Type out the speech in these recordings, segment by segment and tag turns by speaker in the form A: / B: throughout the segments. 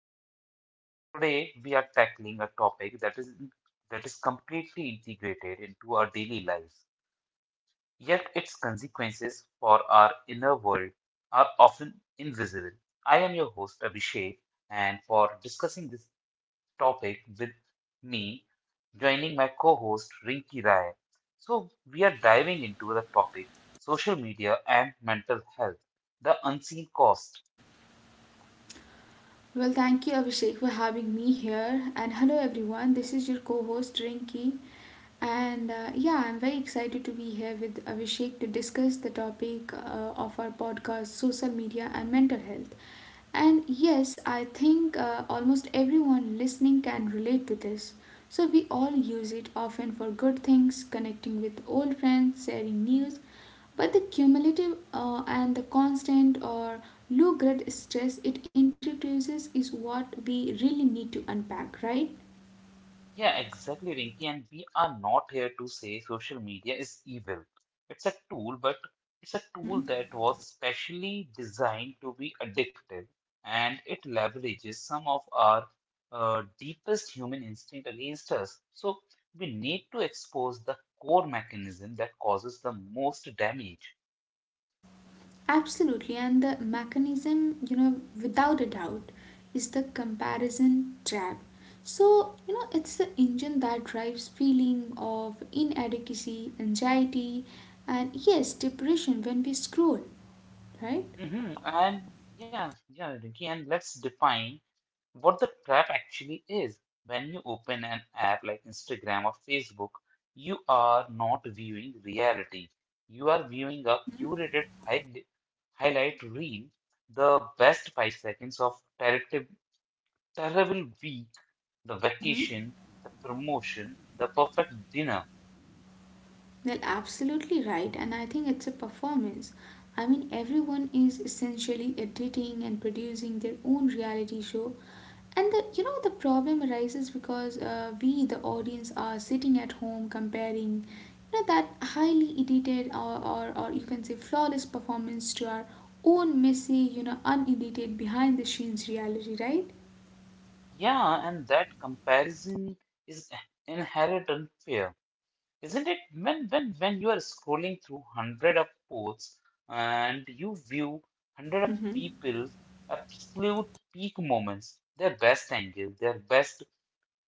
A: the show. Today we are tackling a topic that is completely integrated into our daily lives, yet its consequences for our inner world are often invisible. I am your host Abhishek, and for discussing this topic with me, joining my co-host Rinki Rai. So we are diving into the topic social media and mental health, the unseen cost.
B: Well, thank you, Abhishek, for having me here. And hello, everyone. This is your co host, Rinki. And yeah, I'm very excited to be here with Abhishek to discuss the topic of our podcast social media and mental health. And yes, I think almost everyone listening can relate to this. So, we all use it often for good things, connecting with old friends, sharing news, but the cumulative and the constant or low grade stress it introduces is what we really need to unpack, right?
A: Yeah, exactly, Rinki. And we are not here to say social media is evil. It's a tool, but it's a tool
B: Mhm.
A: that was specially designed to be addictive, and it leverages some of our deepest human instinct against us. So we need to expose the core mechanism that causes the most damage.
B: Absolutely, and the mechanism, you know, without a doubt, is the comparison trap. So, you know, it's the engine that drives feeling of inadequacy, anxiety, and yes, depression when we scroll, right?
A: Mhm. And yeah, yeah, Rinki, and let's define what the trap actually is. When you open an app like Instagram or Facebook, you are not viewing reality. You are viewing a highlight reel, the best 5 seconds of terrible week, the
B: Mm-hmm.
A: vacation, the promotion, the perfect dinner.
B: Well, absolutely right, and I think it's a performance. I mean, everyone is essentially editing and producing their own reality show, and the you know the problem arises because we, the audience, are sitting at home comparing, you know, that highly edited or you can say flawless performance to our own messy, you know, unedited behind the scenes reality, right?
A: Yeah, and that comparison is inherent unfair. Isn't it? When you are scrolling through hundred of posts and you view hundred of
B: Mhm.
A: people's absolute peak moments, their best angle, their best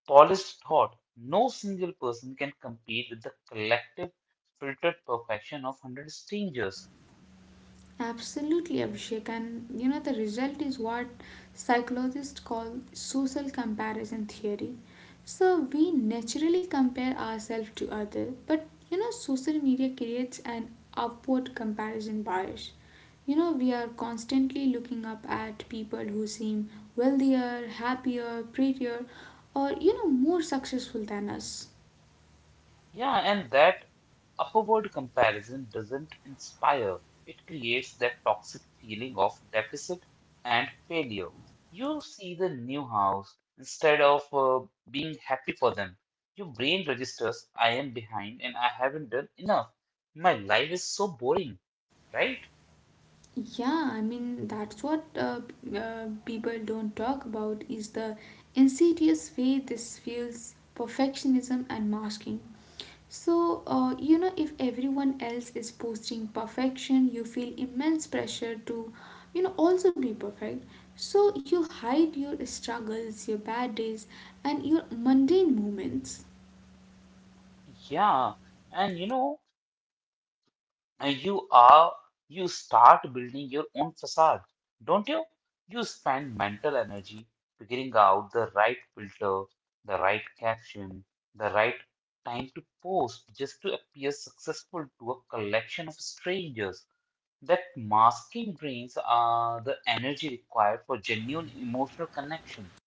A: polished thought, no single person can compete with the collective filtered perfection of hundred strangers.
B: Absolutely, Abhishek. And you know, the result is what psychologists call social comparison theory. So we naturally compare ourselves to others, but you know, social media creates an upward comparison bias. You know, we are constantly looking up at people who seem wealthier, happier, prettier, or you know, more successful than us.
A: Yeah, and that upward comparison doesn't inspire. It creates that toxic feeling of deficit and failure. You see the new house. Instead of being happy for them, your brain registers, I am behind and I haven't done enough. My life is so boring, right?
B: Yeah, I mean, that's what people don't talk about is the insidious way this fuels perfectionism and masking. So, you know, if everyone else is posting perfection, you feel immense pressure to, you know, also be perfect. So, you hide your struggles, your bad days, and your mundane moments.
A: Yeah. And you know, uh, you are, you start building your own facade, don't you? You
B: Mhm.
A: spend mental energy figuring out the right filter, the right caption, the right time to post just to appear successful to a collection of strangers. That masking drains the energy required for genuine emotional connection.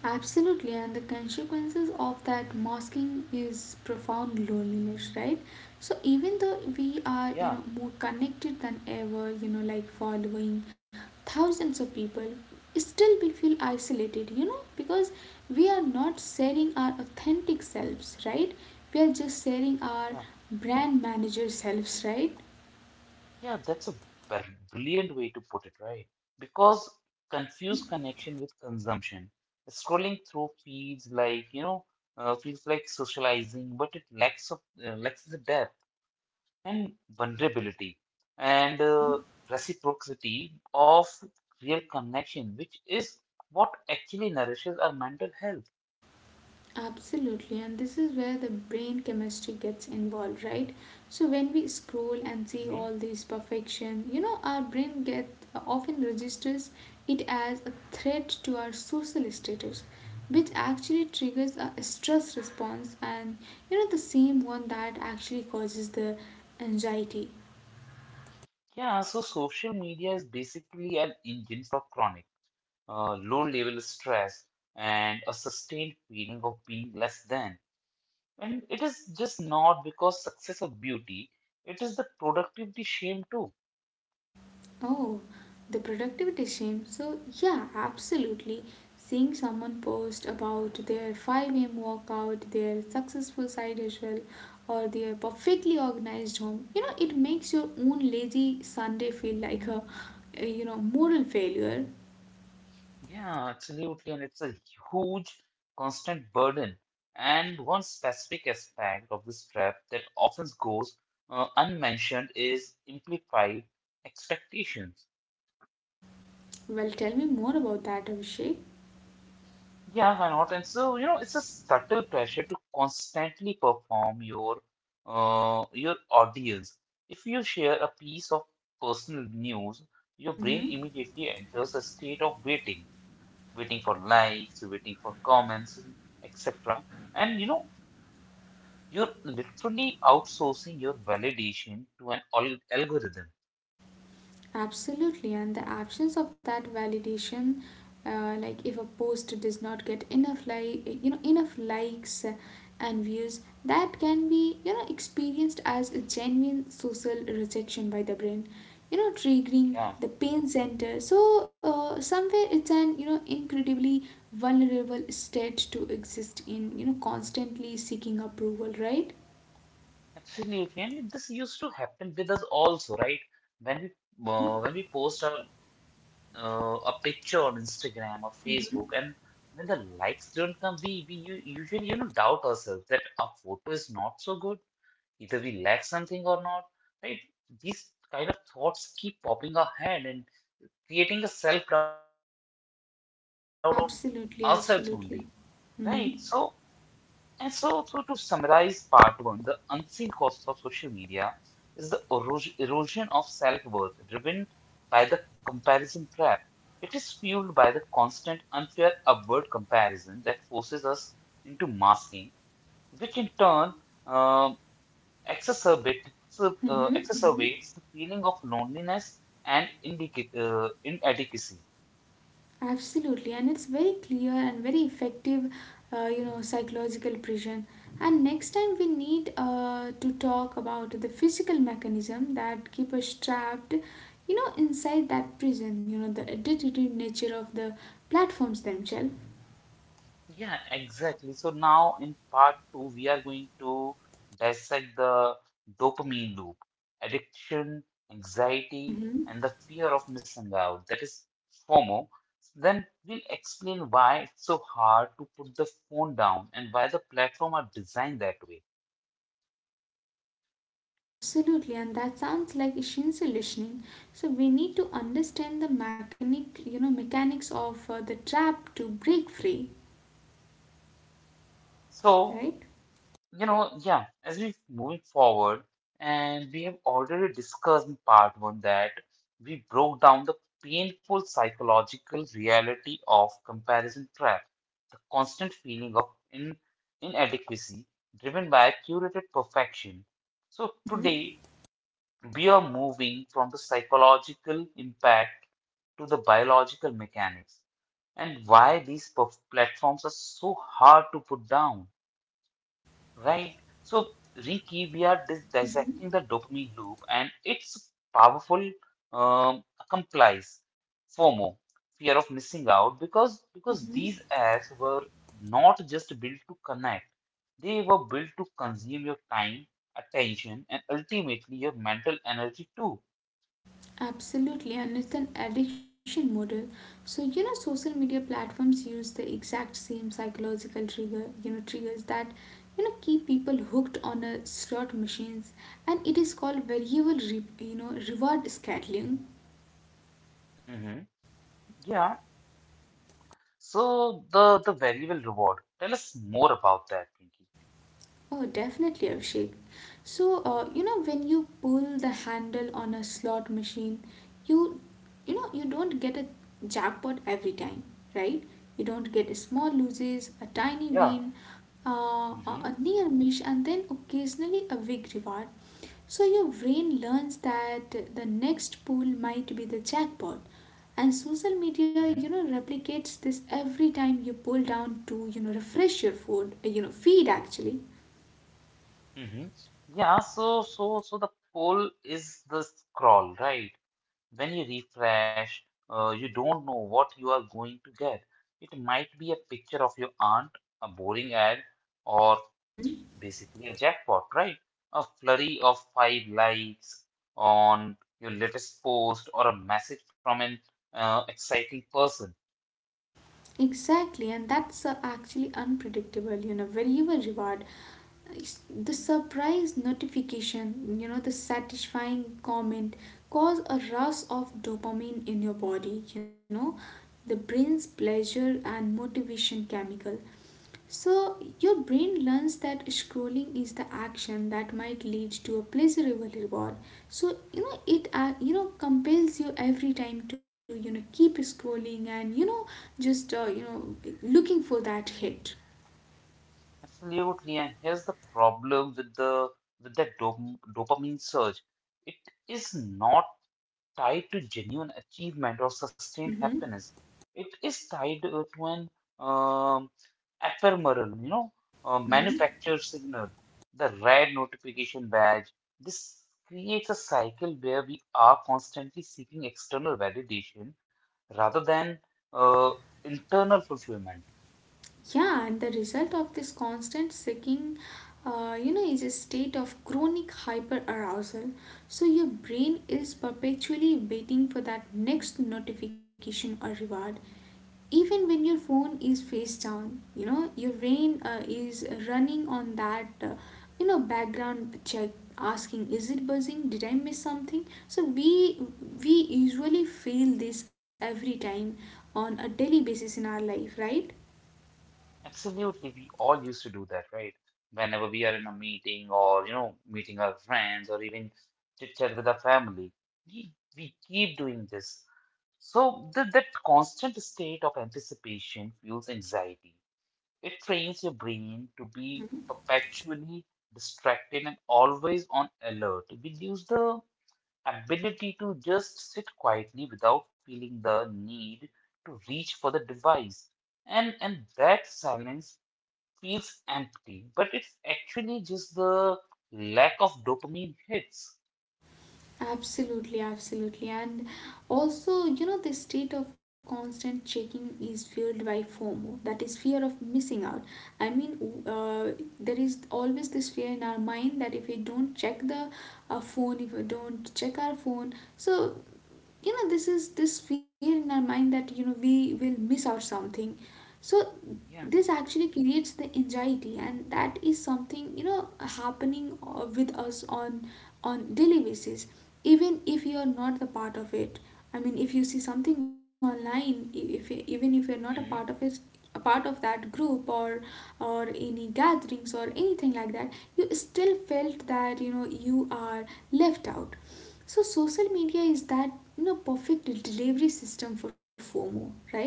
B: Absolutely, and the consequences of that masking is profound loneliness, right? So even though we are, you know,
A: Yeah,
B: more connected than ever, you know, like following thousands of people, still we feel isolated, you know, because we are not sharing our authentic selves, right? We are just sharing our
A: yeah,
B: brand manager selves, right?
A: yeah, that's a brilliant way to put it, right? Because confuse
B: Mm-hmm.
A: connection with consumption. Scrolling through feeds like, you know, feels like socializing, but it lacks of lacks the depth and vulnerability and reciprocity of real connection, which is what actually nourishes our mental health.
B: Absolutely, and this is where the brain chemistry gets involved, right? So when we scroll and see
A: Mm-hmm.
B: all this perfection, you know, our brain get often registers it as a threat to our social status, which actually triggers a stress response, and you know, the same one that actually causes the anxiety.
A: Yeah, so social media is basically an engine for chronic low level stress and a sustained feeling of being less than. And it is just not because success or beauty, it is the productivity shame too.
B: Oh, the productivity shame. So, yeah, absolutely. Seeing someone post about their 5 a.m. workout, their successful side hustle, or their perfectly organized home, you know, it makes your own lazy Sunday feel like a you know, moral failure.
A: Yeah, absolutely. And it's a huge, constant burden. And one specific aspect of this trap that often goes unmentioned is implied expectations.
B: Well, tell me more about that, Abhishek.
A: Yeah, why not? And so, you know, it's a subtle pressure to constantly perform your audience. If you share a piece of personal news, your brain
B: Mm-hmm.
A: immediately enters a state of waiting, waiting for likes, waiting for comments, etc. And you know, you're literally outsourcing your validation to an algorithm.
B: Absolutely, and the absence of that validation, like if a post does not get enough like you know enough likes and views, that can be you know experienced as a genuine social rejection by the brain, you know triggering
A: Yeah,
B: the pain center. So somewhere it's an you know incredibly vulnerable state to exist in, you know constantly seeking approval, right?
A: absolutely. And this used to happen with us also, right? When we uh,
B: Mm-hmm.
A: when we post our a picture on Instagram or Facebook, and when the likes don't come, we usually you know doubt ourselves that our photo is not so good, either we lack something or not, right? These kind of thoughts keep popping our head and creating a self doubt on ourselves only,
B: Absolutely,
A: right? So
B: absolutely. Mm-hmm.
A: and so, so to summarize part one, the unseen cost of social media is the erosion of self-worth driven by the comparison trap. It is fueled by the constant unfair upward comparison that forces us into masking, which in turn um
B: Mm-hmm. Mm-hmm.
A: exacerbates the feeling of loneliness and inadequacy.
B: Absolutely, and it's very clear and very effective, you know, psychological prison. And next time we need to talk about the physical mechanism that keep us trapped, you know, inside that prison. You know, the addictive nature of the platforms themselves.
A: Yeah, exactly. So now in part two, we are going to dissect the dopamine loop, addiction, anxiety,
B: Mm-hmm.
A: and the fear of missing out, that is FOMO. Then we'll explain why it's so hard to put the phone down and why the platform are designed that way.
B: Absolutely, and that sounds like essential listening. So we need to understand the mechanic, you know, mechanics of the trap to break free,
A: So
B: right?
A: you know, yeah, as we moving forward, and we have already discussed in part one that we broke down the painful psychological reality of comparison trap, the constant feeling of in, inadequacy driven by curated perfection. So
B: Mm-hmm.
A: today we are moving from the psychological impact to the biological mechanics and why these platforms are so hard to put down. Right. So, Rinki, we are
B: Mm-hmm.
A: dissecting the dopamine loop and its powerful accomplice, FOMO, fear of missing out, because
B: Mm-hmm.
A: these apps were not just built to connect, they were built to consume your time, attention, and ultimately your mental energy too.
B: Absolutely, and it's an addiction model. So you know, social media platforms use the exact same psychological trigger, you know, triggers that you know keep people hooked on a slot machines, and it is called you know, reward scheduling.
A: Hmm. Yeah. So the variable reward. Tell us more about that, Rinki.
B: Oh, definitely, Abhishek. So, you know, when you pull the handle on a slot machine, you, you know, you don't get a jackpot every time, right? You don't get small loses, a tiny
A: Yeah.
B: win, uh, a
A: Hmm.
B: a near miss, and then occasionally a big reward. So your brain learns that the next pool might be the jackpot. And social media, you know, replicates this every time you pull down to, you know, refresh your food, you know, feed actually.
A: Hmm. Yeah, so the poll is the scroll, right? When you refresh, you don't know what you are going to get. It might be a picture of your aunt, a boring ad, or
B: Hmm.
A: basically a jackpot, right? A flurry of five likes on your latest post or a message from an exciting person.
B: Exactly, and that's actually unpredictable, you know, variable reward. It's- The surprise notification, you know, the satisfying comment cause a rush of dopamine in your body, you know, the brain's pleasure and motivation chemical. So, your brain learns that scrolling is the action that might lead to a pleasurable reward. So, you know, it you know compels you every time to you know keep scrolling and you know just you know looking for that hit.
A: Absolutely, and here's the problem with the with that dop dopamine surge. It is not tied to genuine achievement or sustained
B: Mm-hmm.
A: happiness. It is tied to an uh, ephemeral, you know,
B: Mm-hmm.
A: manufactured signal, the red notification badge. This creates a cycle where we are constantly seeking external validation rather than uh, internal fulfillment.
B: Yeah, and the result of this constant seeking, you know, is a state of chronic hyperarousal. So your brain is perpetually waiting for that next notification or reward. Even when your phone is face down, you know, your brain is running on that, you know, background check asking is it buzzing did I miss something so we usually feel this every time on a daily basis in our life right.
A: Absolutely, we all used to do that, right? Whenever we are in a meeting or, you know, meeting our friends or even chit chat with our family, we keep doing this. So th that constant state of anticipation fuels anxiety. It trains your brain to be perpetually distracted and always on alert. We lose the ability to just sit quietly without feeling the need to reach for the device. And that silence feels empty, but it's actually just the lack of dopamine hits.
B: Absolutely, absolutely. And also, you know, this state of constant checking is fueled by FOMO, that is fear of missing out. I mean, uh, there is always this fear in our mind that if we don't check the phone, if we don't check our phone, so you know this is this fear in our mind that you know we will miss out something so
A: Yeah.
B: this actually creates the anxiety and that is something you know happening with us on daily basis even if you are not the part of it. I mean, if you see something online, e, if even if you're not a part of it,
A: Mhm.
B: a part of that group or any gatherings or anything like that, you still felt that you know you are left out. So social media is that you know perfect delivery system for FOMO, right?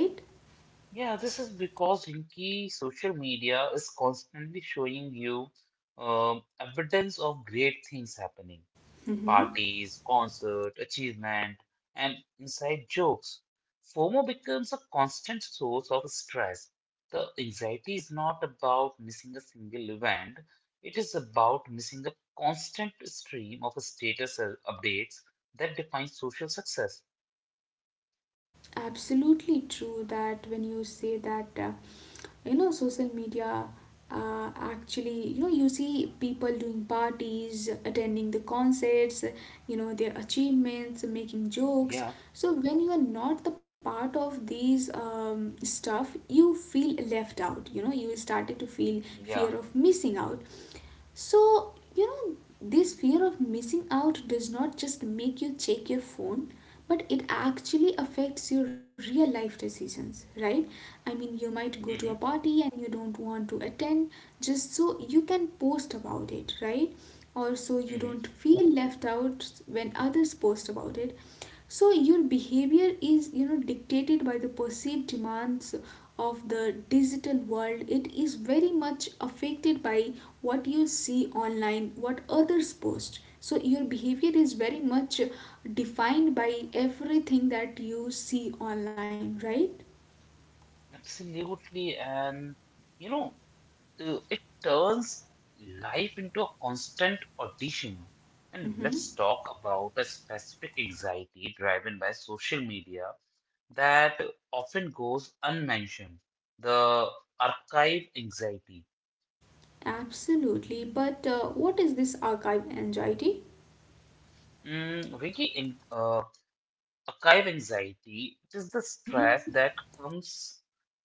A: Yeah, this is because Rinki social media is constantly showing you evidence of great things happening,
B: Mm-hmm.
A: parties, concert, achievement, and inside jokes. FOMO becomes a constant source of stress. The anxiety is not about missing a single event, it is about missing a constant stream of status updates that defines social success.
B: Absolutely true that when you say that. You know social media actually you know you see people doing parties attending the concerts you know their achievements making jokes
A: Yeah,
B: so when you are not the part of these stuff you feel left out you know you started to feel
A: yeah.
B: fear of missing out so, you know, this fear of missing out does not just make you check your phone, but it actually affects your real life decisions, right? I mean, you might go to a
A: Hmm.
B: party and you don't want to attend just so you can post about it, right? Or so you
A: Hmm.
B: don't feel left out when others post about it. So your behavior is, you know, dictated by the perceived demands of the digital world it is very much affected by what you see online what others post so your behavior is very much defined by everything that you see online right.
A: Absolutely. And you know, it turns life into a constant audition. And
B: Mm-hmm.
A: let's talk about a specific anxiety driven by social media that often goes unmentioned, the archive anxiety.
B: Absolutely, but what is this archive anxiety?
A: Vicky, archive anxiety is the
B: Mm-hmm.
A: stress that comes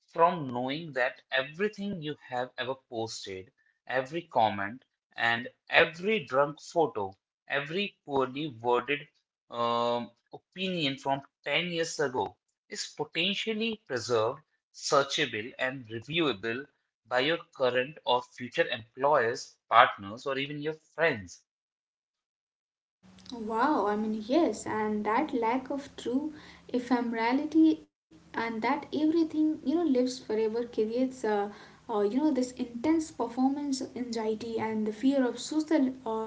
A: from knowing that everything you have ever posted, every comment, and every drunk photo, every poorly worded opinion from 10 years ago is potentially preserved, searchable, and reviewable by your current or future employers, partners, or even your friends.
B: Wow, I mean, yes, and that lack of true ephemerality and that everything, you know, lives forever creates, you know, this intense performance anxiety and the fear of social uh,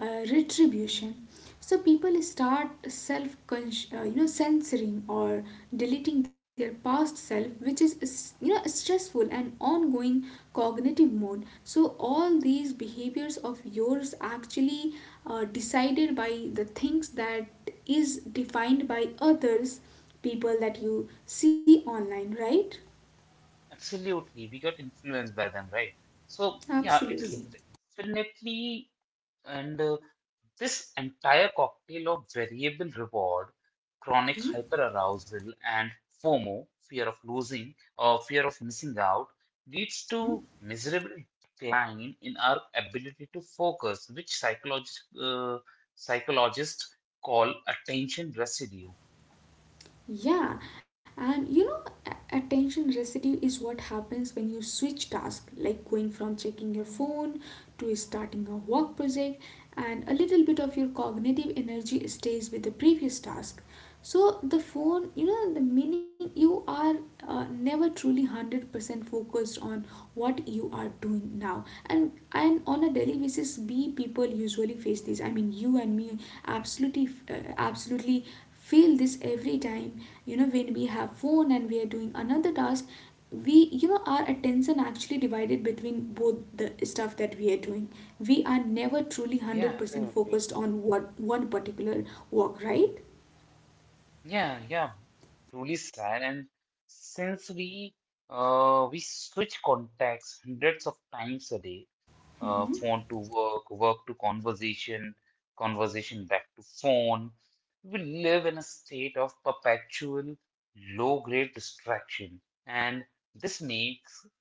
B: uh, retribution. So people start self, you know, censoring or deleting their past self, which is, you know, a stressful and ongoing cognitive mode. So all these behaviors of yours actually decided by the things that is defined by others people that you see online right
A: Absolutely, we got influenced by them, right? So, yeah, it is
B: absolutely.
A: definitely, and this entire cocktail of variable reward, chronic
B: Mm-hmm.
A: hyperarousal, and FOMO, fear of losing or fear of missing out, leads to
B: Mm-hmm.
A: miserable decline in our ability to focus, which psychologists call attention residue.
B: Yeah, and you know, attention residue is what happens when you switch tasks, like going from checking your phone to starting a work project, and a little bit of your cognitive energy stays with the previous task. So, the phone, you know, the meaning you are never truly 100% focused on what you are doing now. And on a daily basis, we people usually face this. I mean, you and me absolutely, absolutely feel this every time you know when we have phone and we are doing another task we you know our attention actually divided between both the stuff that we are doing we are never truly
A: Yeah,
B: 100%
A: absolutely.
B: focused on what one particular work right.
A: Yeah, yeah, truly sad. And since we switch contacts hundreds of times a day, phone to work, work to conversation, conversation back to phone. We live in a state of perpetual low-grade distraction, and this makes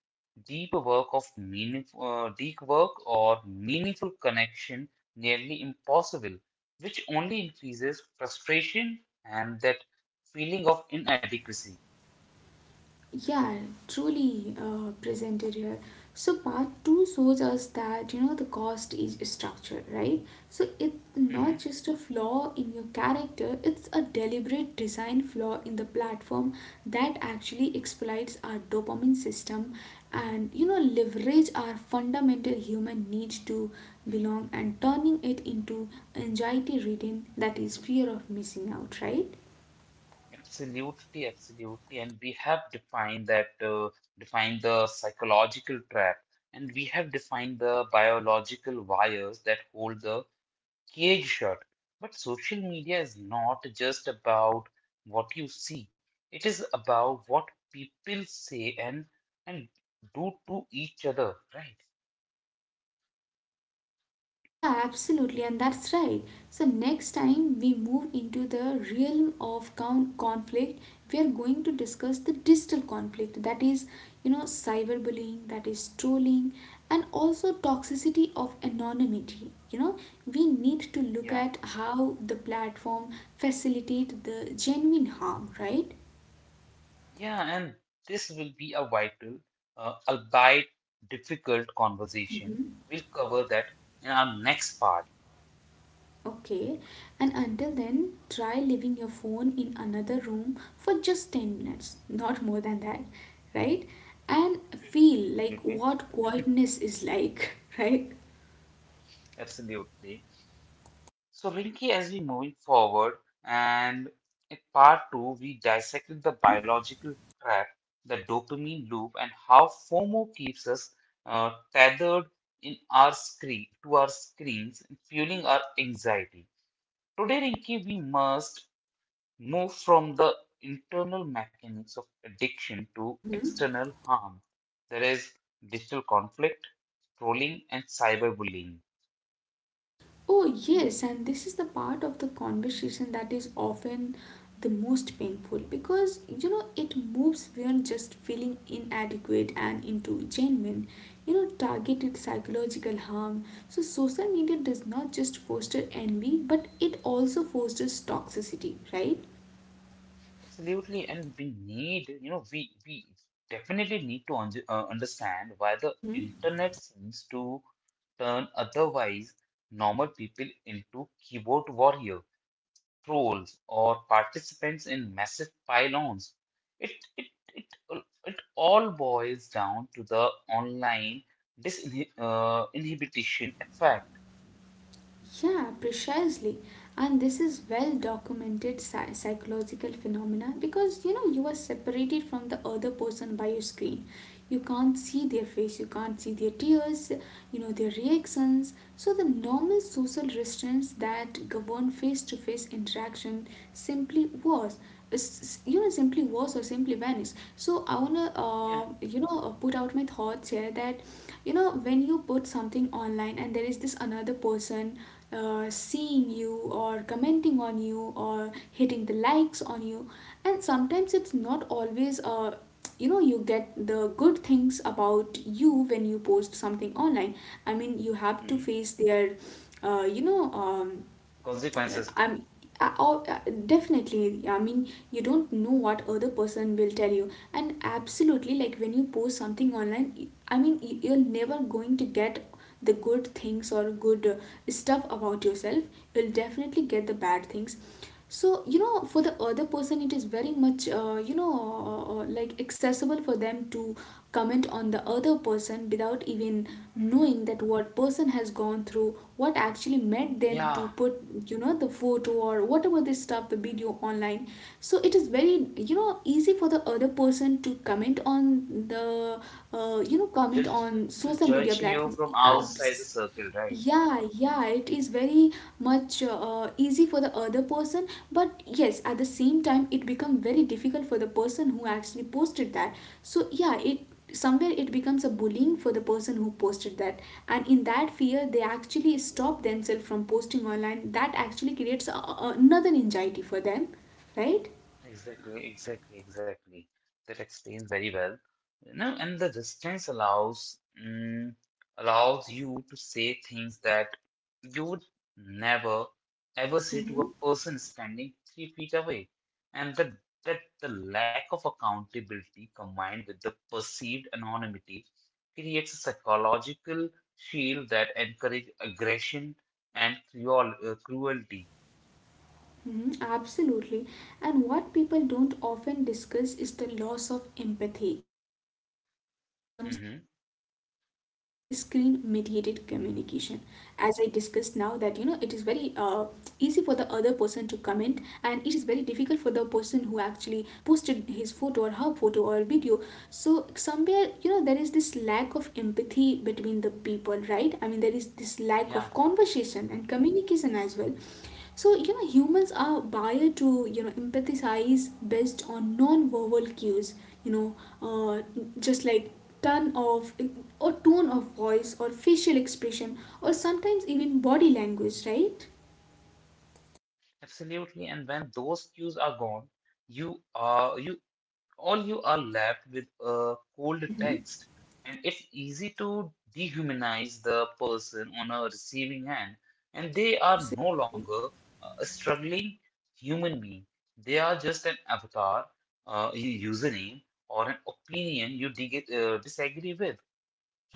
A: deep work or meaningful connection nearly impossible, which only increases frustration and that feeling of inadequacy.
B: Yeah truly presented here so part two shows us that you know the cost is structure right so it's not
A: Mm-hmm.
B: just a flaw in your character it's a deliberate design flaw in the platform that actually exploits our dopamine system and you know leverage our fundamental human need to belong and turning it into anxiety ridden that is fear of missing out right.
A: Absolutely, absolutely. And we have defined the psychological trap, and we have defined the biological wires that hold the cage shut. But social media is not just about what you see, it is about what people say and do to each other, right?
B: Yeah, absolutely, and that's right. So, next time we move into the realm of conflict, we are going to discuss the digital conflict that is, you know, cyberbullying, that is, trolling, and also toxicity of anonymity. You know, we need to look
A: Yeah.
B: at how the platform facilitate the genuine harm, right?
A: Yeah, and this will be a vital, albeit difficult conversation.
B: Mhm.
A: We'll cover that in our next part.
B: Okay, and until then, try leaving your phone in another room for just 10 minutes, not more than that, right? And feel like
A: Okay,
B: what quietness is like, right?
A: absolutely. So, Rinki, as we moving forward, and in part two, we dissected the
B: Mm-hmm.
A: biological trap, the dopamine loop, and how FOMO keeps us tethered in our screen to our screens, fueling our anxiety. Today, Rinki, we must move from the internal mechanics of addiction to
B: Mm-hmm.
A: external harm. There is digital conflict, trolling, and cyberbullying.
B: Oh, yes, and this is the part of the conversation that is often the most painful because it moves beyond just feeling inadequate and into genuine, targeted psychological harm. So, social media does not just foster envy but it also fosters toxicity, right?
A: Absolutely, and we need, you know, we definitely need to understand why the
B: Mm-hmm.
A: internet seems to turn otherwise normal people into keyboard warrior, trolls or participants in massive pylons. It, it, it, it all boils down to the online disinhibition inhibition effect.
B: Yeah, precisely. And this is well documented psychological phenomena because you are separated from the other person by your screen. You can't see their face, you can't see their tears, their reactions. So the normal social restraints that govern face-to-face interaction simply was simply was or simply vanished. So I wanna
A: Yeah.
B: put out my thoughts here that when you put something online and there is this another person seeing you or commenting on you or hitting the likes on you, and sometimes it's not always you get the good things about you when you post something online. I mean, you have to
A: Mhm.
B: face their you know
A: Consequences.
B: I'm I, all- definitely. I mean, you don't know what other person will tell you, and absolutely, like when you post something online, I mean you're never going to get the good things or good stuff about yourself. You'll definitely get the bad things. So you know, for the other person it is very much like accessible for them to comment on the other person without even
A: Mhm.
B: knowing that what person has gone through, what actually made them to
A: Yeah.
B: put the photo or whatever this stuff, the video online. So it is very, you know, easy for the other person to comment on the comment
A: Judge,
B: on
A: to
B: social media
A: judge you
B: platform.
A: from outside the
B: Abs,
A: circle, right?
B: yeah, yeah, it is very much easy for the other person, but yes, at the same time it become very difficult for the person who actually posted that. So yeah, it somewhere it becomes a bullying for the person who posted that, and in that fear they actually stop themselves from posting online, that actually creates another anxiety for them, right?
A: Exactly. That explains very well. No, and the distance allows you to say things that you would never ever say
B: Mm-hmm.
A: to a person standing 3 feet away, and that the lack of accountability combined with the perceived anonymity creates a psychological shield that encourages aggression and cruelty.
B: Mhm, absolutely. And what people don't often discuss is the loss of empathy that comes with screen
A: Mhm.
B: mediated communication. As I discussed now, that you know, it is very easy for the other person to comment, and it is very difficult for the person who actually posted his photo or her photo or video. So, somewhere, you know, there is this lack of empathy between the people, right? I mean, there is this lack of
A: Yeah,
B: conversation and communication as well. So, you know, humans are wired to, you know, empathize based on non-verbal cues, you know, uh, just like tone of or tone of voice or facial expression or sometimes even body language, right?
A: absolutely. And when those cues are gone, you are you All you are left with a cold
B: Mm-hmm.
A: text, and it's easy to dehumanize the person on a receiving end, and they are no
B: Absolutely.
A: longer a struggling human being. They are just an avatar, a username, or an opinion you disagree with,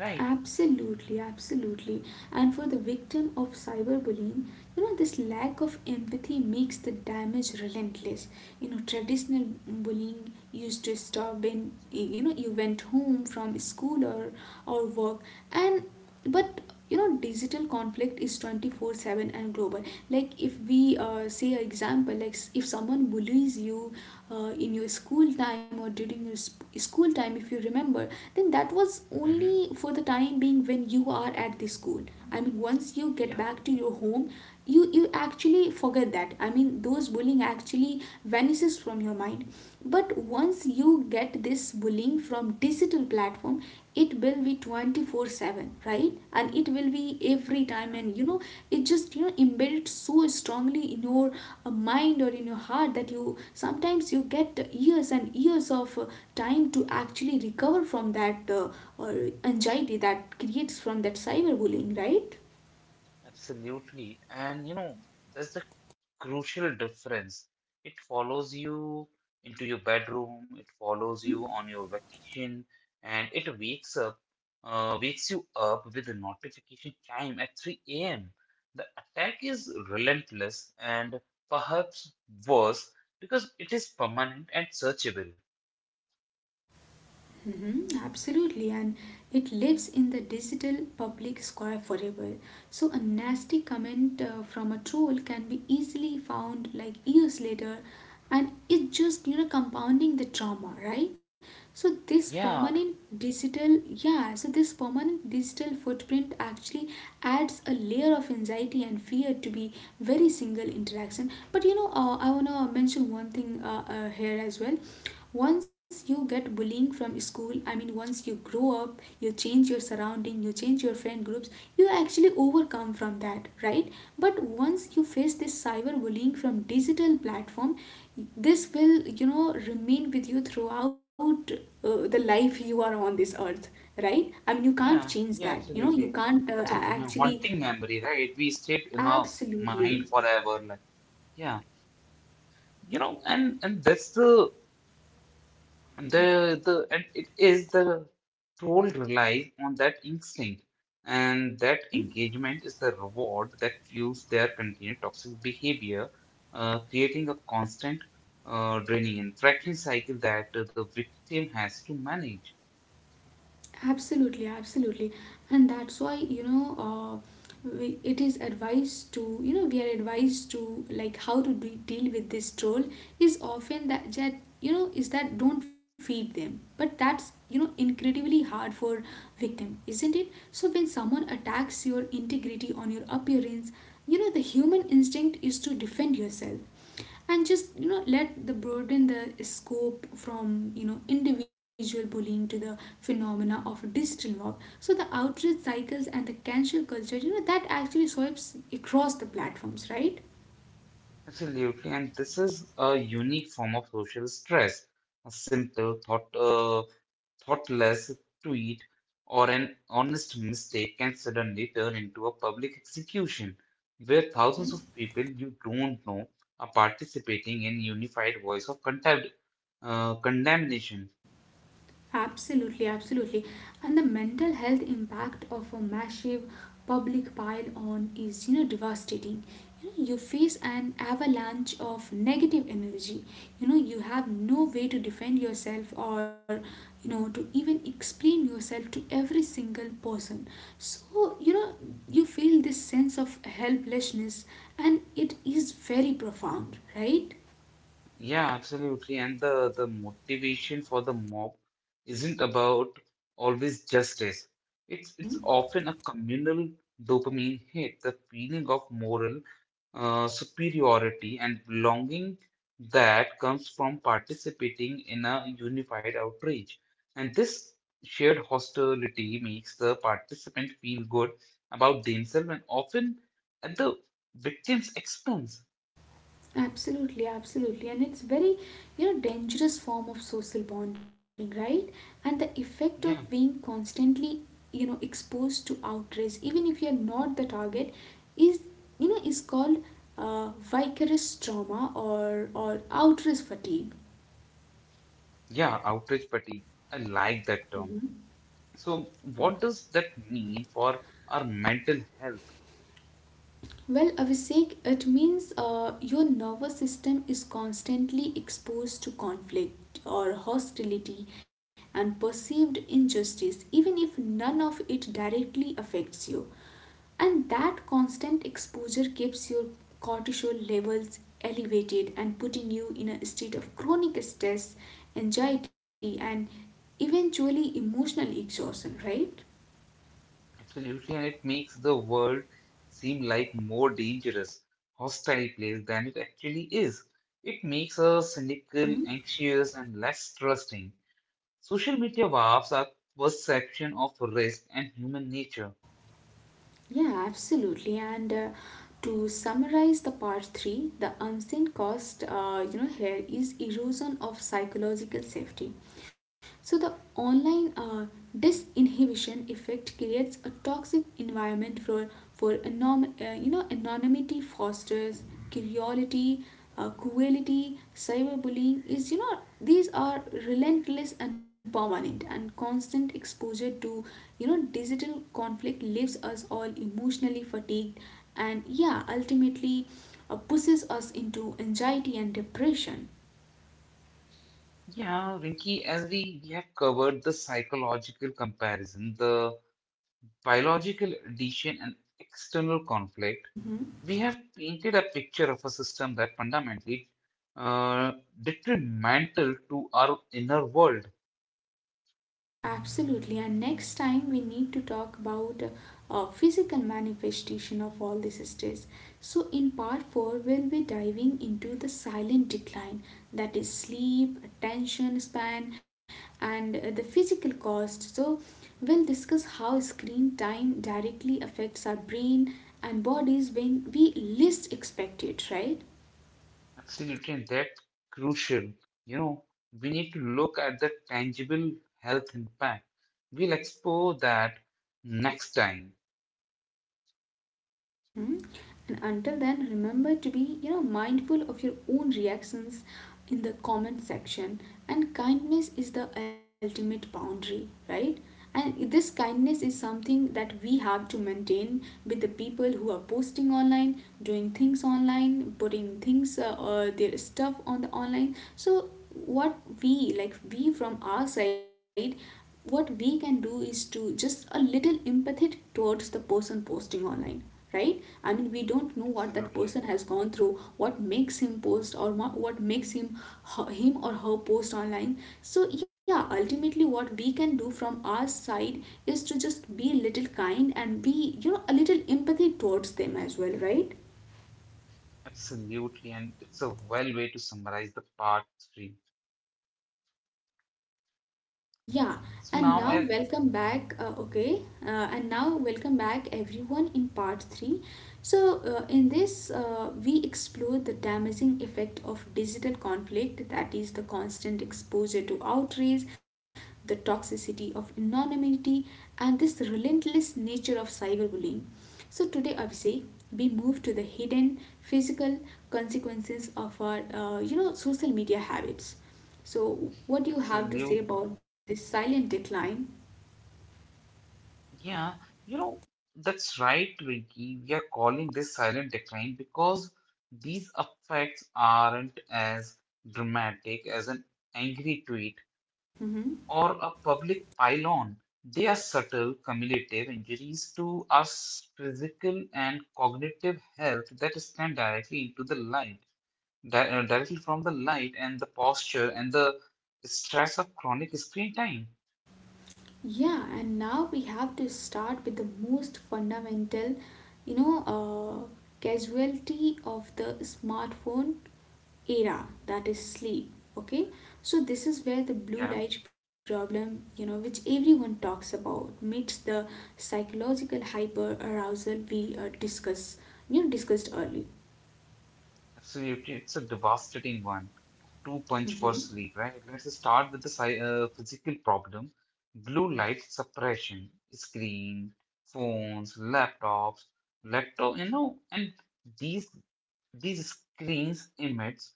A: right?
B: Absolutely, absolutely. And for the victim of cyberbullying, you know, this lack of empathy makes the damage relentless. You know, traditional bullying used to stop when you know you went home from school or work, and but you know digital conflict is 24/7 and global. Like if we say an example, like if someone bullies you in your school time or during your school time, if you remember, then that was
A: Hmm.
B: only for the time being when you are at the school. I mean, once you get
A: Yeah,
B: back to your home, you actually forget that. I mean, those bullying actually vanishes from your mind. But once you get this bullying from digital platform, it will be 24/7, right? And it will be every time,
A: yeah,
B: and you know it just, you know, embedded so strongly in your mind or in your heart, that you sometimes you get years and years of time to actually recover from that or anxiety that creates from that cyberbullying, right?
A: absolutely. And that's the crucial difference. It follows you into your bedroom, it follows
B: Mhm.
A: you on your vacation, and it wakes you up with the notification time at 3 a.m. The attack is relentless and perhaps worse because it is permanent and searchable.
B: Mhm, absolutely, and it lives in the digital public square forever. So, a nasty comment from a troll can be easily found like years later, and it's just, you know, compounding the trauma, right? So, this
A: Yeah,
B: permanent digital, yeah, so this permanent digital footprint actually adds a layer of anxiety and fear to be very single interaction. But you know, I want to mention one thing here as well. Once you get bullying from school, I mean, once you grow up, you change your surrounding, you change your friend groups, you actually overcome from that, right? But once you face this cyber bullying from digital platform, this will, you know, remain with you throughout the life you are on this earth, right? I mean, you can't
A: yeah,
B: change that.
A: yeah,
B: You know, you
A: absolutely.
B: can't
A: That's a
B: actually.
A: haunting memory, right? We stayed in our mind
B: Absolutely.
A: forever. Like, yeah. you know, and that's the The and it is the whole relies on that instinct, and that
B: Mhm.
A: engagement is the reward that fuels their continued toxic behavior, creating a constant draining and fracturing cycle that the victim has to manage.
B: Absolutely, absolutely, and that's why you know it is advised to, you know, we are advised to, like, how to deal with this troll is often that that you know is that don't feed them, but that's, you know, incredibly hard for victim, isn't it? So when someone attacks your integrity on your appearance, you know the human instinct is to defend yourself and just, you know, let the broaden the scope from, you know, individual bullying to the phenomena of digital mob. So the outrage cycles and the cancel culture, you know, that actually swipes across the platforms, right?
A: Absolutely, and this is a unique form of social stress. A simple thoughtless tweet or an honest mistake can suddenly turn into a public execution where thousands of people you don't know are participating in unified voice of contempt, condemnation.
B: Absolutely, absolutely. And the mental health impact of a massive public pile on is, you know, devastating. You know, you face an avalanche of negative energy. You know, you have no way to defend yourself or, you know, to even explain yourself to every single person. So, you know, you feel this sense of helplessness, and it is very profound, right?
A: Yeah, absolutely. And the motivation for the mob isn't about always justice. It's
B: Mhm.
A: often a communal dopamine hit, the feeling of moral superiority and belonging that comes from participating in a unified outrage. And this shared hostility makes the participant feel good about themselves and often at the victim's expense.
B: Absolutely, absolutely. And it's very, you know, dangerous form of social bonding, right? And the effect of
A: Yeah.
B: being constantly, you know, exposed to outrage, even if you're not the target, is, you know, is called vicarious trauma or outrage fatigue.
A: Yeah, outrage fatigue. I like that
B: Mhm.
A: term. So, what does that mean for our mental health?
B: Well, Abhishek, it means your nervous system is constantly exposed to conflict or hostility and perceived injustice, even if none of it directly affects you. And that constant exposure keeps your cortisol levels elevated and putting you in a state of chronic stress, anxiety, and eventually emotional exhaustion, right?
A: Absolutely, and it makes the world seem like more dangerous, hostile place than it actually is. It makes us cynical,
B: Mhm.
A: anxious, and less trusting. Social media warps our perception of risk and human nature.
B: Yeah, absolutely. And to summarize the part 3, the unseen cost, you know, here is erosion of psychological safety. So the online disinhibition effect creates a toxic environment for you know anonymity fosters curiosity cruelty, cyberbullying is, you know, these are relentless and permanent, and constant exposure to, you know, digital conflict leaves us all emotionally fatigued and, yeah, ultimately pushes us into anxiety and depression.
A: Yeah, Rinki, as we have covered the psychological comparison, the biological addition, and external conflict.
B: Mhm.
A: We have painted a picture of a system that fundamentally uh, detrimental to our inner world.
B: Absolutely, and next time we need to talk about physical manifestation of all this stress. So, in part 4, we'll be diving into the silent decline, that is, sleep, attention span, and the physical cost. So, we'll discuss how screen time directly affects our brain and bodies when we least expect it, right?
A: Absolutely, and that crucial. You know, we need to look at the tangible health impact. We'll explore that next time.
B: Mhm. And until then, remember to be, you know, mindful of your own reactions in the comment section. And kindness is the ultimate boundary, right? And this kindness is something that we have to maintain with the people who are posting online, doing things online, putting things their stuff on the online. So what we, like, we from our side, what we can do is to just a little empathetic towards the person posting online, right? I mean, we don't know what that person
A: Absolutely,
B: has gone through, what makes him post or what makes him him or her post online. So yeah, ultimately what we can do from our side is to just be a little kind and be, you know, a little empathy towards them as well, right?
A: absolutely, and it's a well way to summarize the part three.
B: Yeah,
A: So
B: and
A: now,
B: now welcome back. Okay, and now welcome back everyone in part 3. So, in this, we explore the damaging effect of digital conflict, that is, the constant exposure to outrage, the toxicity of anonymity, and this relentless nature of cyberbullying. So, today, Abhishek, we move to the hidden physical consequences of our you know social media habits. So, what do you have to say
A: absolutely.
B: about this silent decline?
A: Yeah, you know, that's right, Rinki. We are calling this silent decline because these effects aren't as dramatic as an angry tweet
B: Hmm.
A: or a public pylon. They are subtle, cumulative injuries to our physical and cognitive health that stand directly into the light, directly from the light and the posture and the stress of chronic screen time.
B: Yeah, and now we have to start with the most fundamental, you know, casualty of the smartphone era, that is sleep. Okay, so this is where the blue light problem, you know, which everyone talks about, meets the psychological hyper arousal we discussed early.
A: Absolutely, it's a devastating one. Two punch for
B: Earlier. Hmm.
A: sleep, right? Let's start with the physical problem. Blue light suppression, screen, phones, laptops, and these these screens emit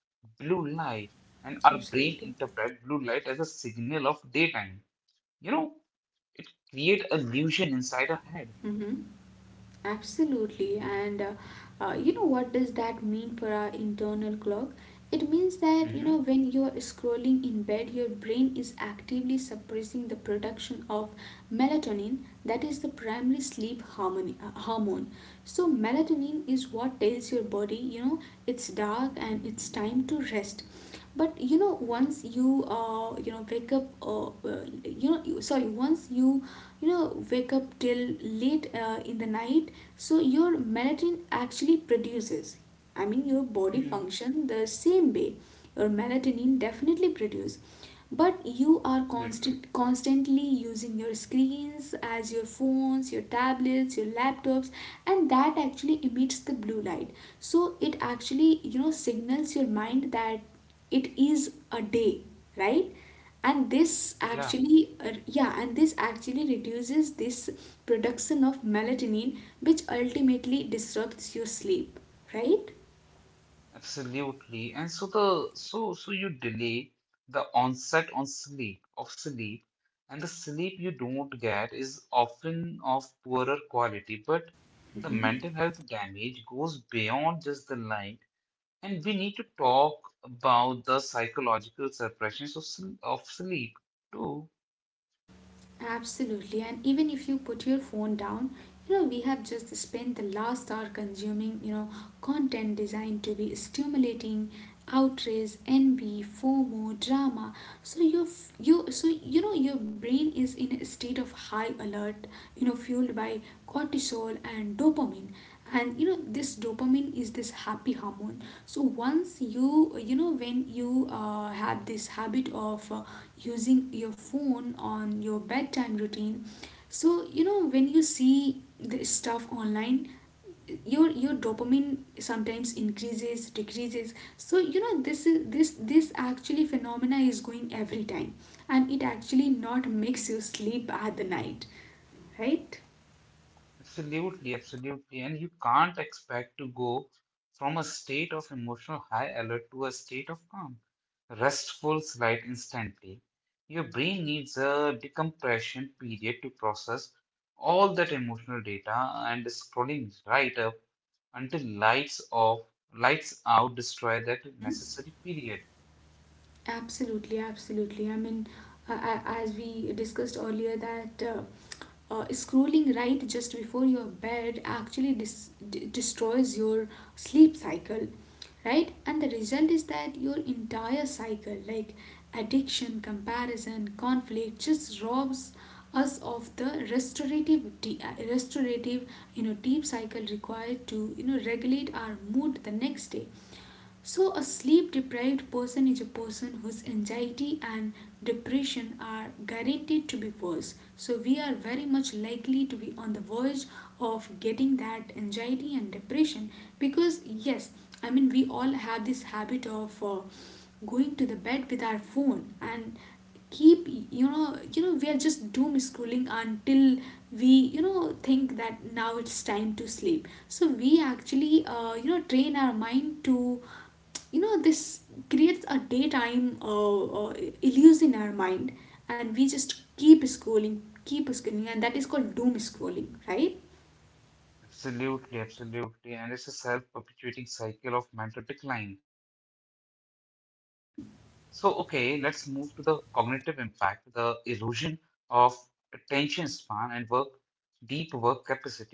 A: blue light, and our brain
B: Absolutely.
A: interpret blue light as a signal of daytime. You know, create illusion inside our head.
B: Hmm. Absolutely. And you know what does that mean for our internal clock? It means that, you know,
A: Mm-hmm.
B: when you are scrolling in bed, your brain is actively suppressing the production of melatonin, that is the primary sleep harmony, hormone. So melatonin is what tells your body, you know, it's dark and it's time to rest. But you know, once you you know wake up, you know, once you, you know, wake up till late in the night, so your melatonin actually produces. I mean, your body
A: Mm-hmm.
B: function the same way. Your melatonin definitely produce, but you are
A: Absolutely.
B: constantly using your screens as your phones, your tablets, your laptops, and that actually emits the blue light. So it actually, you know, signals your mind that it is a day, right? And this
A: Yeah.
B: actually yeah, and this actually reduces this production of melatonin, which ultimately disrupts your sleep, right?
A: Absolutely. And so you delay the onset on sleep of sleep, and the sleep you don't get is often of poorer quality, but the
B: Hmm.
A: mental health damage goes beyond just the light, and we need to talk about the psychological suppressions of sleep too.
B: Absolutely, and even if you put your phone down, you know, we have just spent the last hour consuming, you know, content designed to be stimulating, outrage, envy, FOMO, drama. So you know your brain is in a state of high alert, you know, fueled by cortisol and dopamine. And you know this dopamine is this happy hormone, so once you, you know, when you have this habit of using your phone on your bedtime routine, so you know when you see this stuff online, your dopamine sometimes increases, decreases. So you know this actually phenomena is going every time, and it actually not makes you sleep at the night, right?
A: Absolutely, absolutely. And you can't expect to go from a state of emotional high alert to a state of calm, restful slide instantly. Your brain needs a decompression period to process all that emotional data, and scrolling right up until lights out destroy that
B: Mhm.
A: necessary period.
B: Absolutely, absolutely. I mean, as we discussed earlier, that scrolling right just before your bed actually destroys your sleep cycle, right? And the result is that your entire cycle, like addiction, comparison, conflict, just robs us of the restorative, restorative, you know, deep cycle required to, you know, regulate our mood the next day. So, a sleep deprived person is a person whose anxiety and depression are guaranteed to be worse. So, we are very much likely to be on the verge of getting that anxiety and depression, because, yes, I mean, we all have this habit of going to the bed with our phone and keep, you know, you know, we are just doom scrolling until we, you know, think that now it's time to sleep. So we actually you know, train our mind to, you know, this creates a daytime illusion in our mind, and we just keep scrolling, keep scrolling, and that is called doom scrolling, right?
A: Absolutely, absolutely. And it's a self perpetuating cycle of mental decline.
B: Mhm.
A: So, okay, let's move to the cognitive impact, the erosion of attention span and work,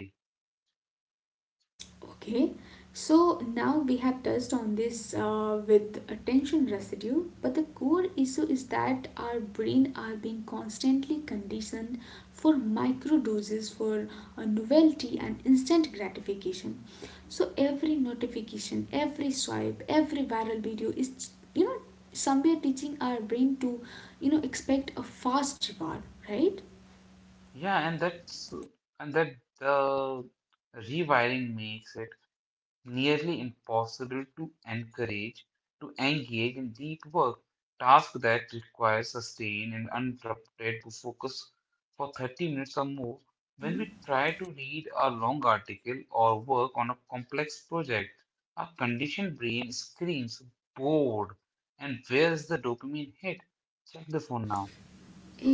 A: deep work capacity.
B: Okay, so now we have touched on this with attention residue, but the core issue is that our brain are being constantly conditioned for micro doses, for novelty and instant gratification. So every notification, every swipe, every viral video is, you know, somewhere teaching our brain to, you know, expect a fast reward, right?
A: Yeah, and that's and that the rewiring makes it nearly impossible to encourage to engage in deep work, tasks that require sustained and uninterrupted focus for 30 minutes or more. When we try to read a long article or work on a complex project, our conditioned brain screams bored and where's the dopamine hit? Check the phone now. So,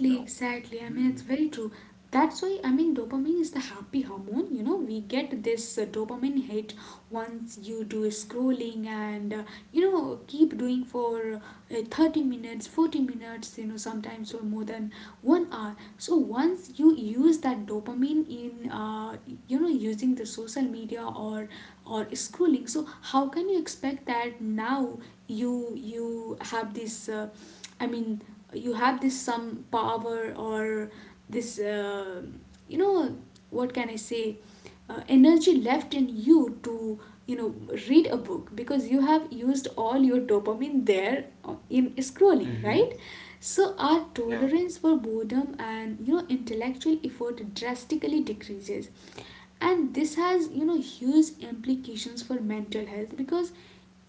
A: you know,
B: exactly. I mean, it's
A: hmm,
B: very true. That's why, I mean, dopamine is the happy hormone. You know, we get this dopamine hit once you do scrolling and, you know, keep doing for 30 minutes, 40 minutes, you know, sometimes for more than 1 hour. So, once you use that dopamine in, you know, using the social media or scrolling, so how can you expect that now you have this? I mean, you have this some power or this you know, what can I say, energy left in you to, you know, read a book, because you have used all your dopamine there in scrolling,
A: hmm,
B: right? So our
A: yeah.
B: tolerance for boredom and, you know, intellectual effort drastically decreases, and this has, you know, huge implications for mental health, because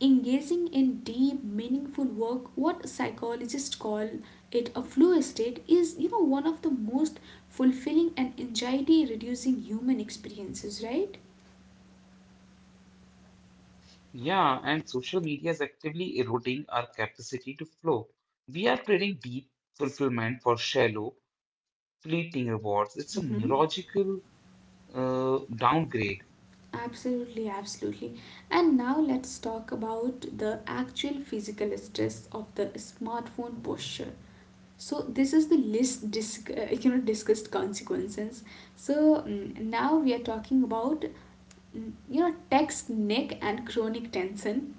B: engaging in deep, meaningful work, what psychologists call it a flow state, is, you know, one of the most fulfilling and anxiety reducing human experiences, right?
A: Yeah, and social media is actively eroding our capacity to flow. We are trading deep fulfillment for shallow, fleeting rewards. It's a
B: Hmm.
A: neurological downgrade.
B: Absolutely, absolutely. And now let's talk about the actual physical stress of the smartphone posture. So this is the list you know, discussed consequences. So now we are talking about you know, text neck and chronic tension.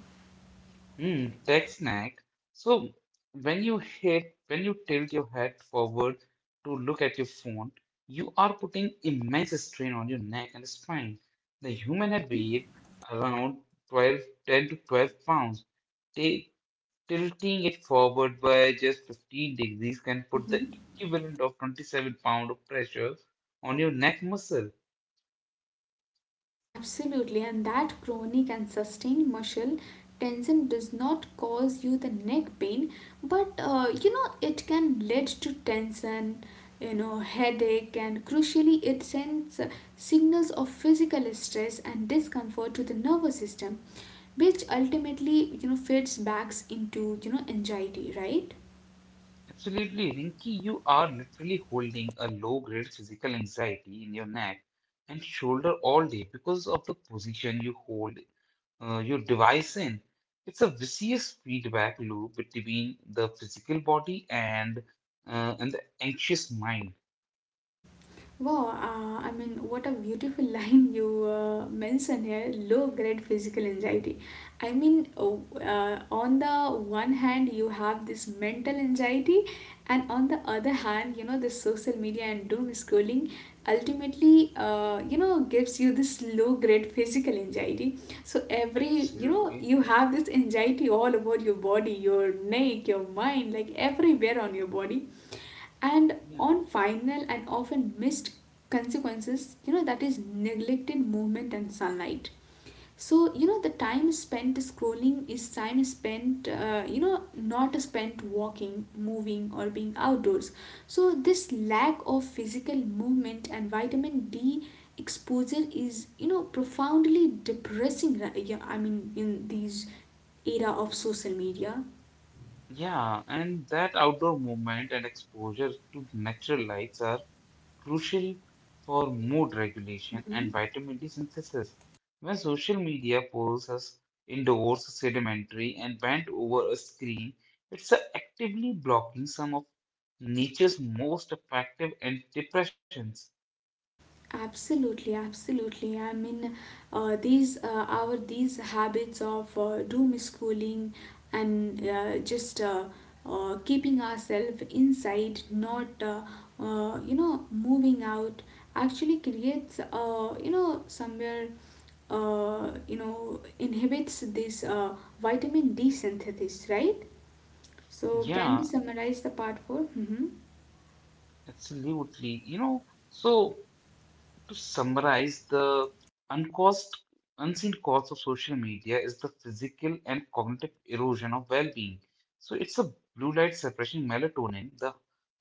A: Hmm, tech snack. So when you tilt your head forward to look at your phone, you are putting immense strain on your neck and spine. The human head
B: Mhm,
A: weighs around 12, 10 to 12 pounds. Ta- Tilting it forward by just 15 degrees can put the
B: mhm.
A: equivalent of 27 pound of pressure on your neck muscle.
B: Absolutely, and that chronic and sustained muscle tension does not cause you the neck pain, but you know, it can lead to tension, you know, headache, and crucially, it sends signals of physical stress and discomfort to the nervous system, which ultimately, you know, feeds back into, you know, anxiety, right?
A: Absolutely, Rinky, you are literally holding a low-grade physical anxiety in your neck and shoulder all day because of the position you hold your device in. It's a vicious feedback loop between the physical body and the anxious mind.
B: Wow, I mean, what a beautiful line you mention here, low grade physical anxiety. I mean, on the one hand, you have this mental anxiety, and on the other hand, you know, the social media and doom scrolling ultimately, you know, gives you this low grade physical anxiety. So, every, you know,
A: Absolutely.
B: you have this anxiety all about your body, your neck, your mind, like everywhere on your body. And
A: Yeah.
B: on final and often missed consequences, you know, that is neglected movement and sunlight. So you know the time spent scrolling is time spent, you know, not spent walking, moving, or being outdoors. So this lack of physical movement and vitamin D exposure is, you know, profoundly depressing. Yeah, I mean, in these era of social media.
A: Yeah, and that outdoor movement and exposure to natural lights are crucial for mood regulation
B: Mhm.
A: and vitamin D synthesis. When social media pulls us indoors, sedentary, and bent over a screen, it's actively blocking some of nature's most effective antidepressants.
B: Absolutely, absolutely. I mean, these our these habits of doom schooling and just keeping ourselves inside, not you know, moving out, actually creates you know, somewhere you know, inhibits this vitamin D synthesis, right? So can we
A: Yeah,
B: summarize the part 4? Mm-hmm.
A: absolutely. You know, so. To summarize, the uncaused, unseen cause of social media is the physical and cognitive erosion of well-being. So it's a blue light suppressing melatonin, the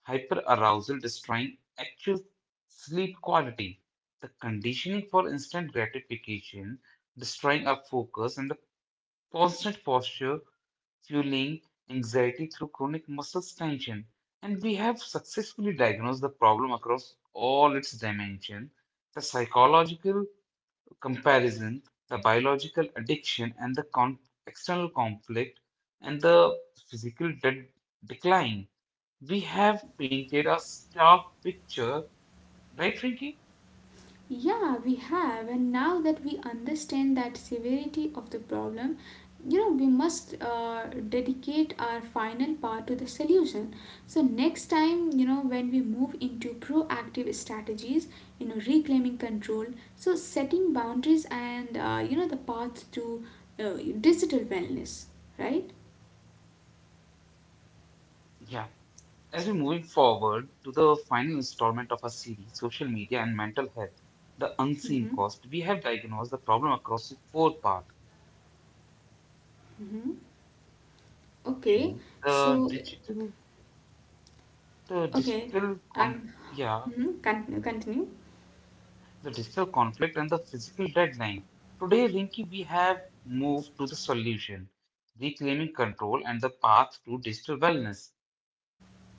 A: hyperarousal destroying actual sleep quality, the conditioning for instant gratification, destroying our focus, and the constant posture fueling anxiety through chronic muscle tension. And we have successfully diagnosed the problem across all its dimensions, the psychological comparison, the biological addiction, and the external conflict, and the physical decline. We have
B: Mm-hmm.
A: painted a stark picture, right, Frankie?
B: Yeah, we have, and now that we understand that severity of the problem, you know, we must dedicate our final part to the solution. So, next time, you know, when we move into proactive strategies, you know, reclaiming control, so setting boundaries and, you know, the path to uh, digital wellness, right?
A: Yeah. As we moving forward to the final installment of our series, Social Media and Mental Health, the Unseen
B: Mm-hmm.
A: Cost, we have diagnosed the problem across its four parts.
B: Mm-hmm. Okay,
A: the
B: so,
A: digital, the
B: okay,
A: digital, con-
B: I'm,
A: yeah,
B: mhm, continue, continue.
A: the digital conflict and the physical deadline. Today, Rinki, we have moved to the solution, reclaiming control and the path to digital wellness.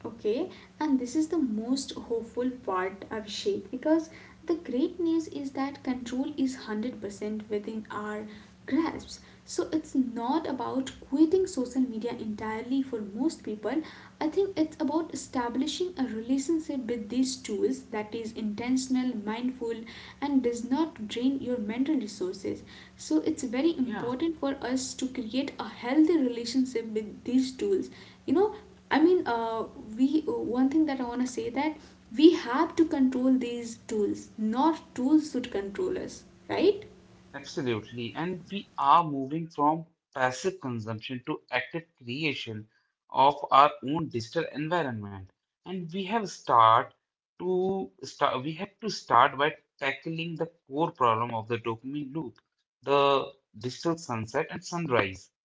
B: Okay, and this is the most hopeful part, Abhishek, because the great news is that control is 100% within our grasps. So it's not about quitting social media entirely for most people. I think it's about establishing a relationship with these tools that is intentional, mindful, and does not drain your mental resources. So it's very
A: Yeah.
B: important for us to create a healthy relationship with these tools. You know, I mean, we one thing that I want to say, that we have to control these tools, not tools should control us, right?
A: Absolutely. And we are moving from passive consumption to active creation of our own digital environment. And we have to start by tackling the core problem of the dopamine loop, the digital sunset and sunrise.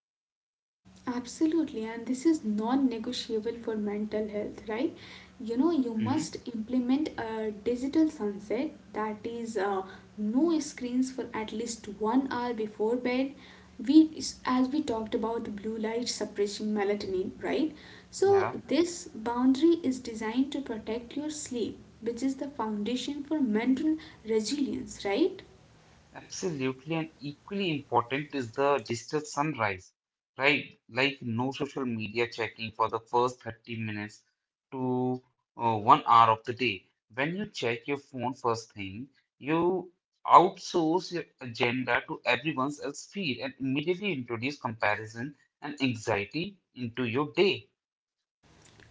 B: Absolutely, and this is non negotiable for mental health, right? You know, you
A: Hmm.
B: must implement a digital sunset, that is no screens for at least 1 hour before bed. We, as we talked about blue light suppressing melatonin, right? So,
A: Yeah,
B: this boundary is designed to protect your sleep, which is the foundation for mental resilience, right?
A: absolutely. And equally important is the digital sunrise, right? Like no social media checking for the first 30 minutes to 1 hour of the day. When you check your phone first thing, you outsource your agenda to everyone else's feed and immediately introduce comparison and anxiety into your day.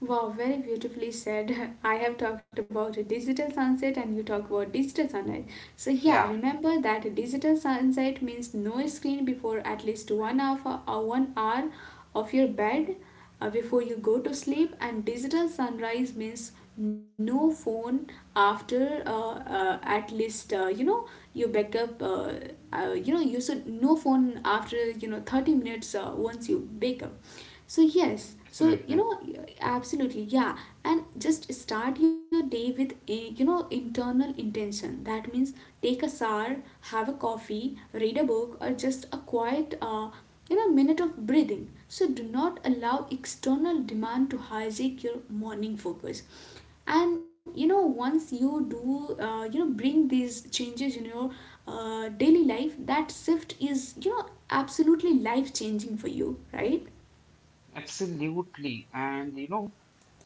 B: Wow, very beautifully said. I have talked about a digital sunset, and you talk about digital sunrise. So yeah,
A: Yeah,
B: remember that a digital sunset means no screen before at least 1 hour or 1 hour of your bed, before you go to sleep, and digital sunrise means no phone after at least, you know, you wake up, you know, you should no phone after, you know, 30 minutes, once you wake up. So, yes, so you
A: absolutely.
B: know, absolutely, yeah, and just start your day with a, you know, internal intention. That means take a shower, have a coffee, read a book, or just a quiet you know, minute of breathing. So, do not allow external demand to hijack your morning focus. And you know, once you do, you know, bring these changes in your daily life, that shift is, you know, absolutely life changing for you, right?
A: Absolutely. And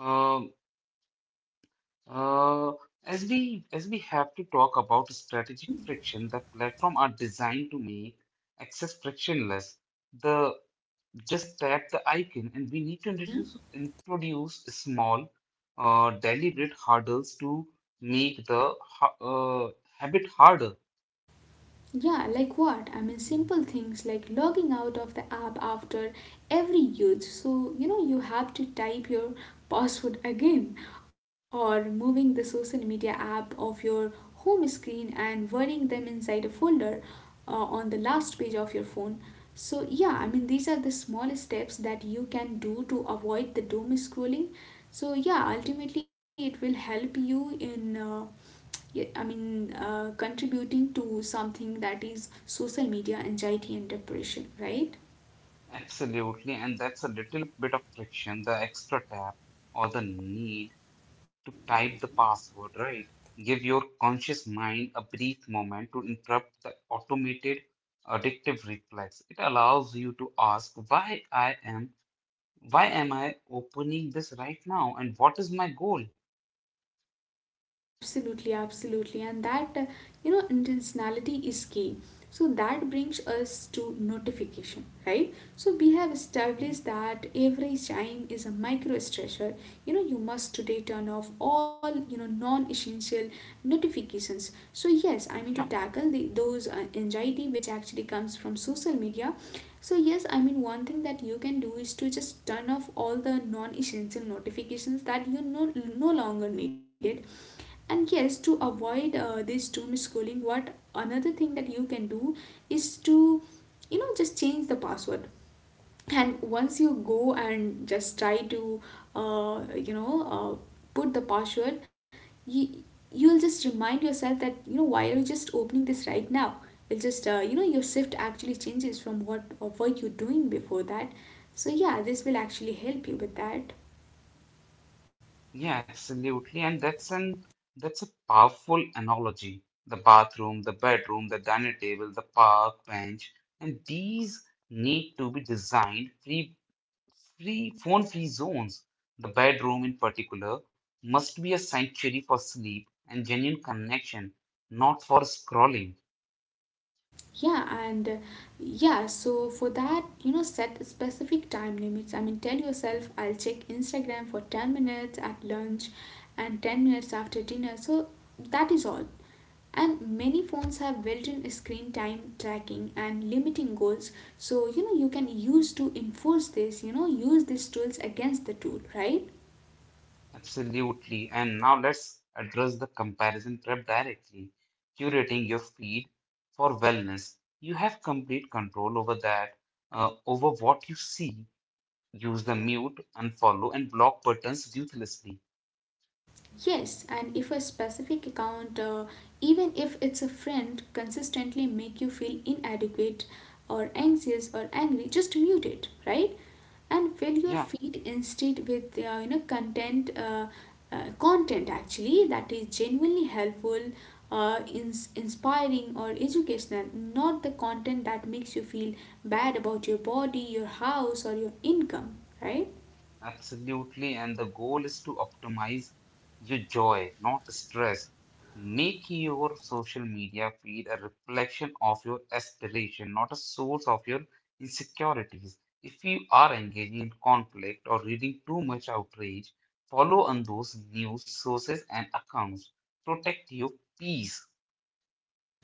A: uh, Uh, as we have to talk about strategic
B: Hmm.
A: friction, the platform are designed to make access frictionless. The just tap the icon, and we need to
B: Mhm.
A: introduce small, deliberate hurdles to make the habit harder.
B: Yeah, like what? I mean, simple things like logging out of the app after every use. So, you know, you have to type your password again, or moving the social media app off your home screen and wording them inside a folder on the last page of your phone. So, yeah, I mean, these are the small steps that you can do to avoid the doom scrolling. So, yeah, ultimately, it will help you in. Yet, I mean, contributing to something that is social media anxiety and depression, right?
A: Absolutely, and that's a little bit of friction, the extra tap or the need to type the password, right? Give your conscious mind a brief moment to interrupt the automated addictive reflex. It allows you to ask why am I opening this right now and what is my goal?
B: Absolutely, absolutely. And that, you know, intentionality is key. So that brings us to notification, right? So we have established
A: Mhm.
B: that every chime is a micro stressor. You know, you must today turn off all, you know, non-essential notifications. So yes, I mean, to
A: Yeah,
B: tackle those anxiety which actually comes from social media. So yes, I mean, one thing that you can do is to just turn off all the non-essential notifications that you no longer needed, and yes, to avoid this doom scrolling, what another thing that you can do is to, you know, just change the password, and once you go and just try to you know, put the password, you, you'll just remind yourself that, you know, why are you just opening this right now. It'll just, you know, your shift actually changes from what, were you doing before that. So yeah, this will actually help you with that.
A: yeah, absolutely. And that's an, that's a powerful analogy. The bathroom, the bedroom, the dinner table, the park bench, and these need to be designed pre free phone free zones, the bedroom in particular, must be a sanctuary for sleep and genuine connection, not for scrolling.
B: Yeah, and yeah, so for that, you know, set specific time limits. I mean, tell yourself, I'll check Instagram for 10 minutes at lunch and 10 minutes after dinner, so that is all. And many phones have built-in screen time tracking and limiting goals, so you know you can use to enforce this, you know, use these tools against the tool, right?
A: Absolutely. And now let's address the comparison trap directly. Curating your feed for wellness. You have complete control over that, over what you see. Use the mute, unfollow, and block buttons ruthlessly.
B: Yes, and if a specific account, even if it's a friend, consistently make you feel inadequate or anxious or angry, just mute it, right? And fill your
A: Yeah.
B: feed instead with, you know, content, content actually that is genuinely helpful, inspiring or educational, not the content that makes you feel bad about your body, your house, or your income, right?
A: Absolutely. And the goal is to optimize your joy, not stress. Make your social media feed a reflection of your aspiration, not a source of your insecurities. If you are engaging in conflict or reading too much outrage, follow on those news sources and accounts. Protect your peace.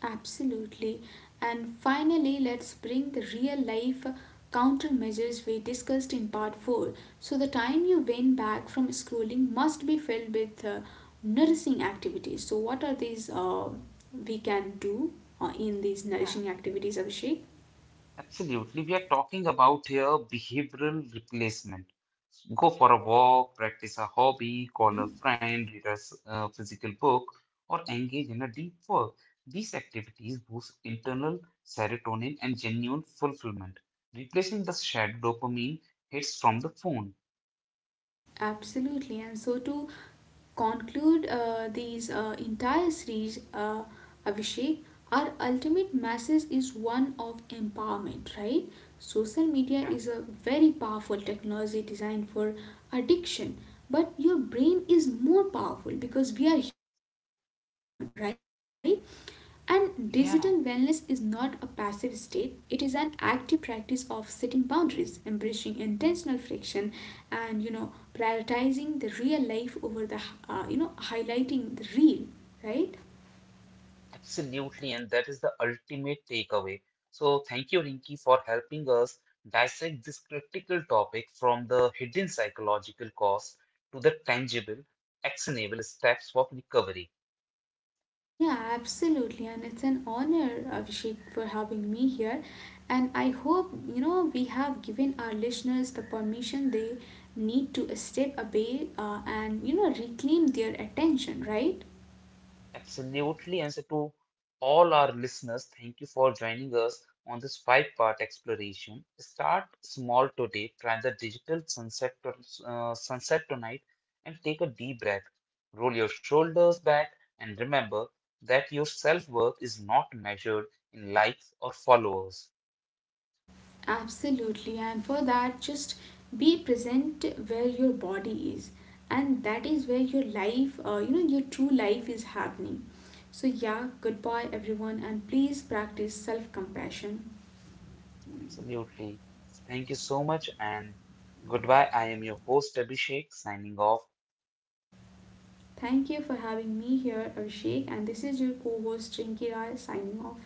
B: Absolutely. And finally, let's bring the real life countermeasures we discussed in part 4. So, the time you win back from scrolling must be filled with nourishing activities. So, what are these we can do in these nourishing activities, Abhishek?
A: Absolutely. We are talking about here behavioral replacement. Go for a walk, practice a hobby, call a
B: Hmm.
A: friend, read a physical book, or engage in a deep work. These activities boost internal serotonin and genuine fulfillment, replacing the shared dopamine hits from the phone.
B: Absolutely. And so to conclude these entire series, Abhishek, our ultimate message is one of empowerment, right? Social media
A: Yeah.
B: is a very powerful technology designed for addiction, but your brain is more powerful, because we are human, right? And digital wellness is not a
A: Yeah.
B: passive state, it is an active practice of setting boundaries, embracing intentional friction, and you know, prioritizing the real life over the, you know, highlighting the real, right?
A: Absolutely, and that is the ultimate takeaway. So, thank you, Rinki, for helping us dissect this critical topic from the hidden psychological cost to the tangible, actionable steps of recovery.
B: Yeah, absolutely, and it's an honor, Abhishek, for having me here. And I hope, you know, we have given our listeners the permission they need to step away, and you know, reclaim their attention, right?
A: Absolutely. Answer to all our listeners, thank you for joining us on this five-part exploration. Start small today, try the digital sunset tonight, and take a deep breath. Roll your shoulders back, and remember that your self worth is not measured in likes or followers.
B: Absolutely, and for that, just be present where your body is, and that is where your life, you know, your true life is happening. So, yeah, goodbye everyone, and please practice self compassion.
A: Absolutely. So thank you so much, and goodbye. I am your host, Abhishek, signing off.
B: Thank you for having me here, Abhishek, and this is your co host Rinki Rai signing off.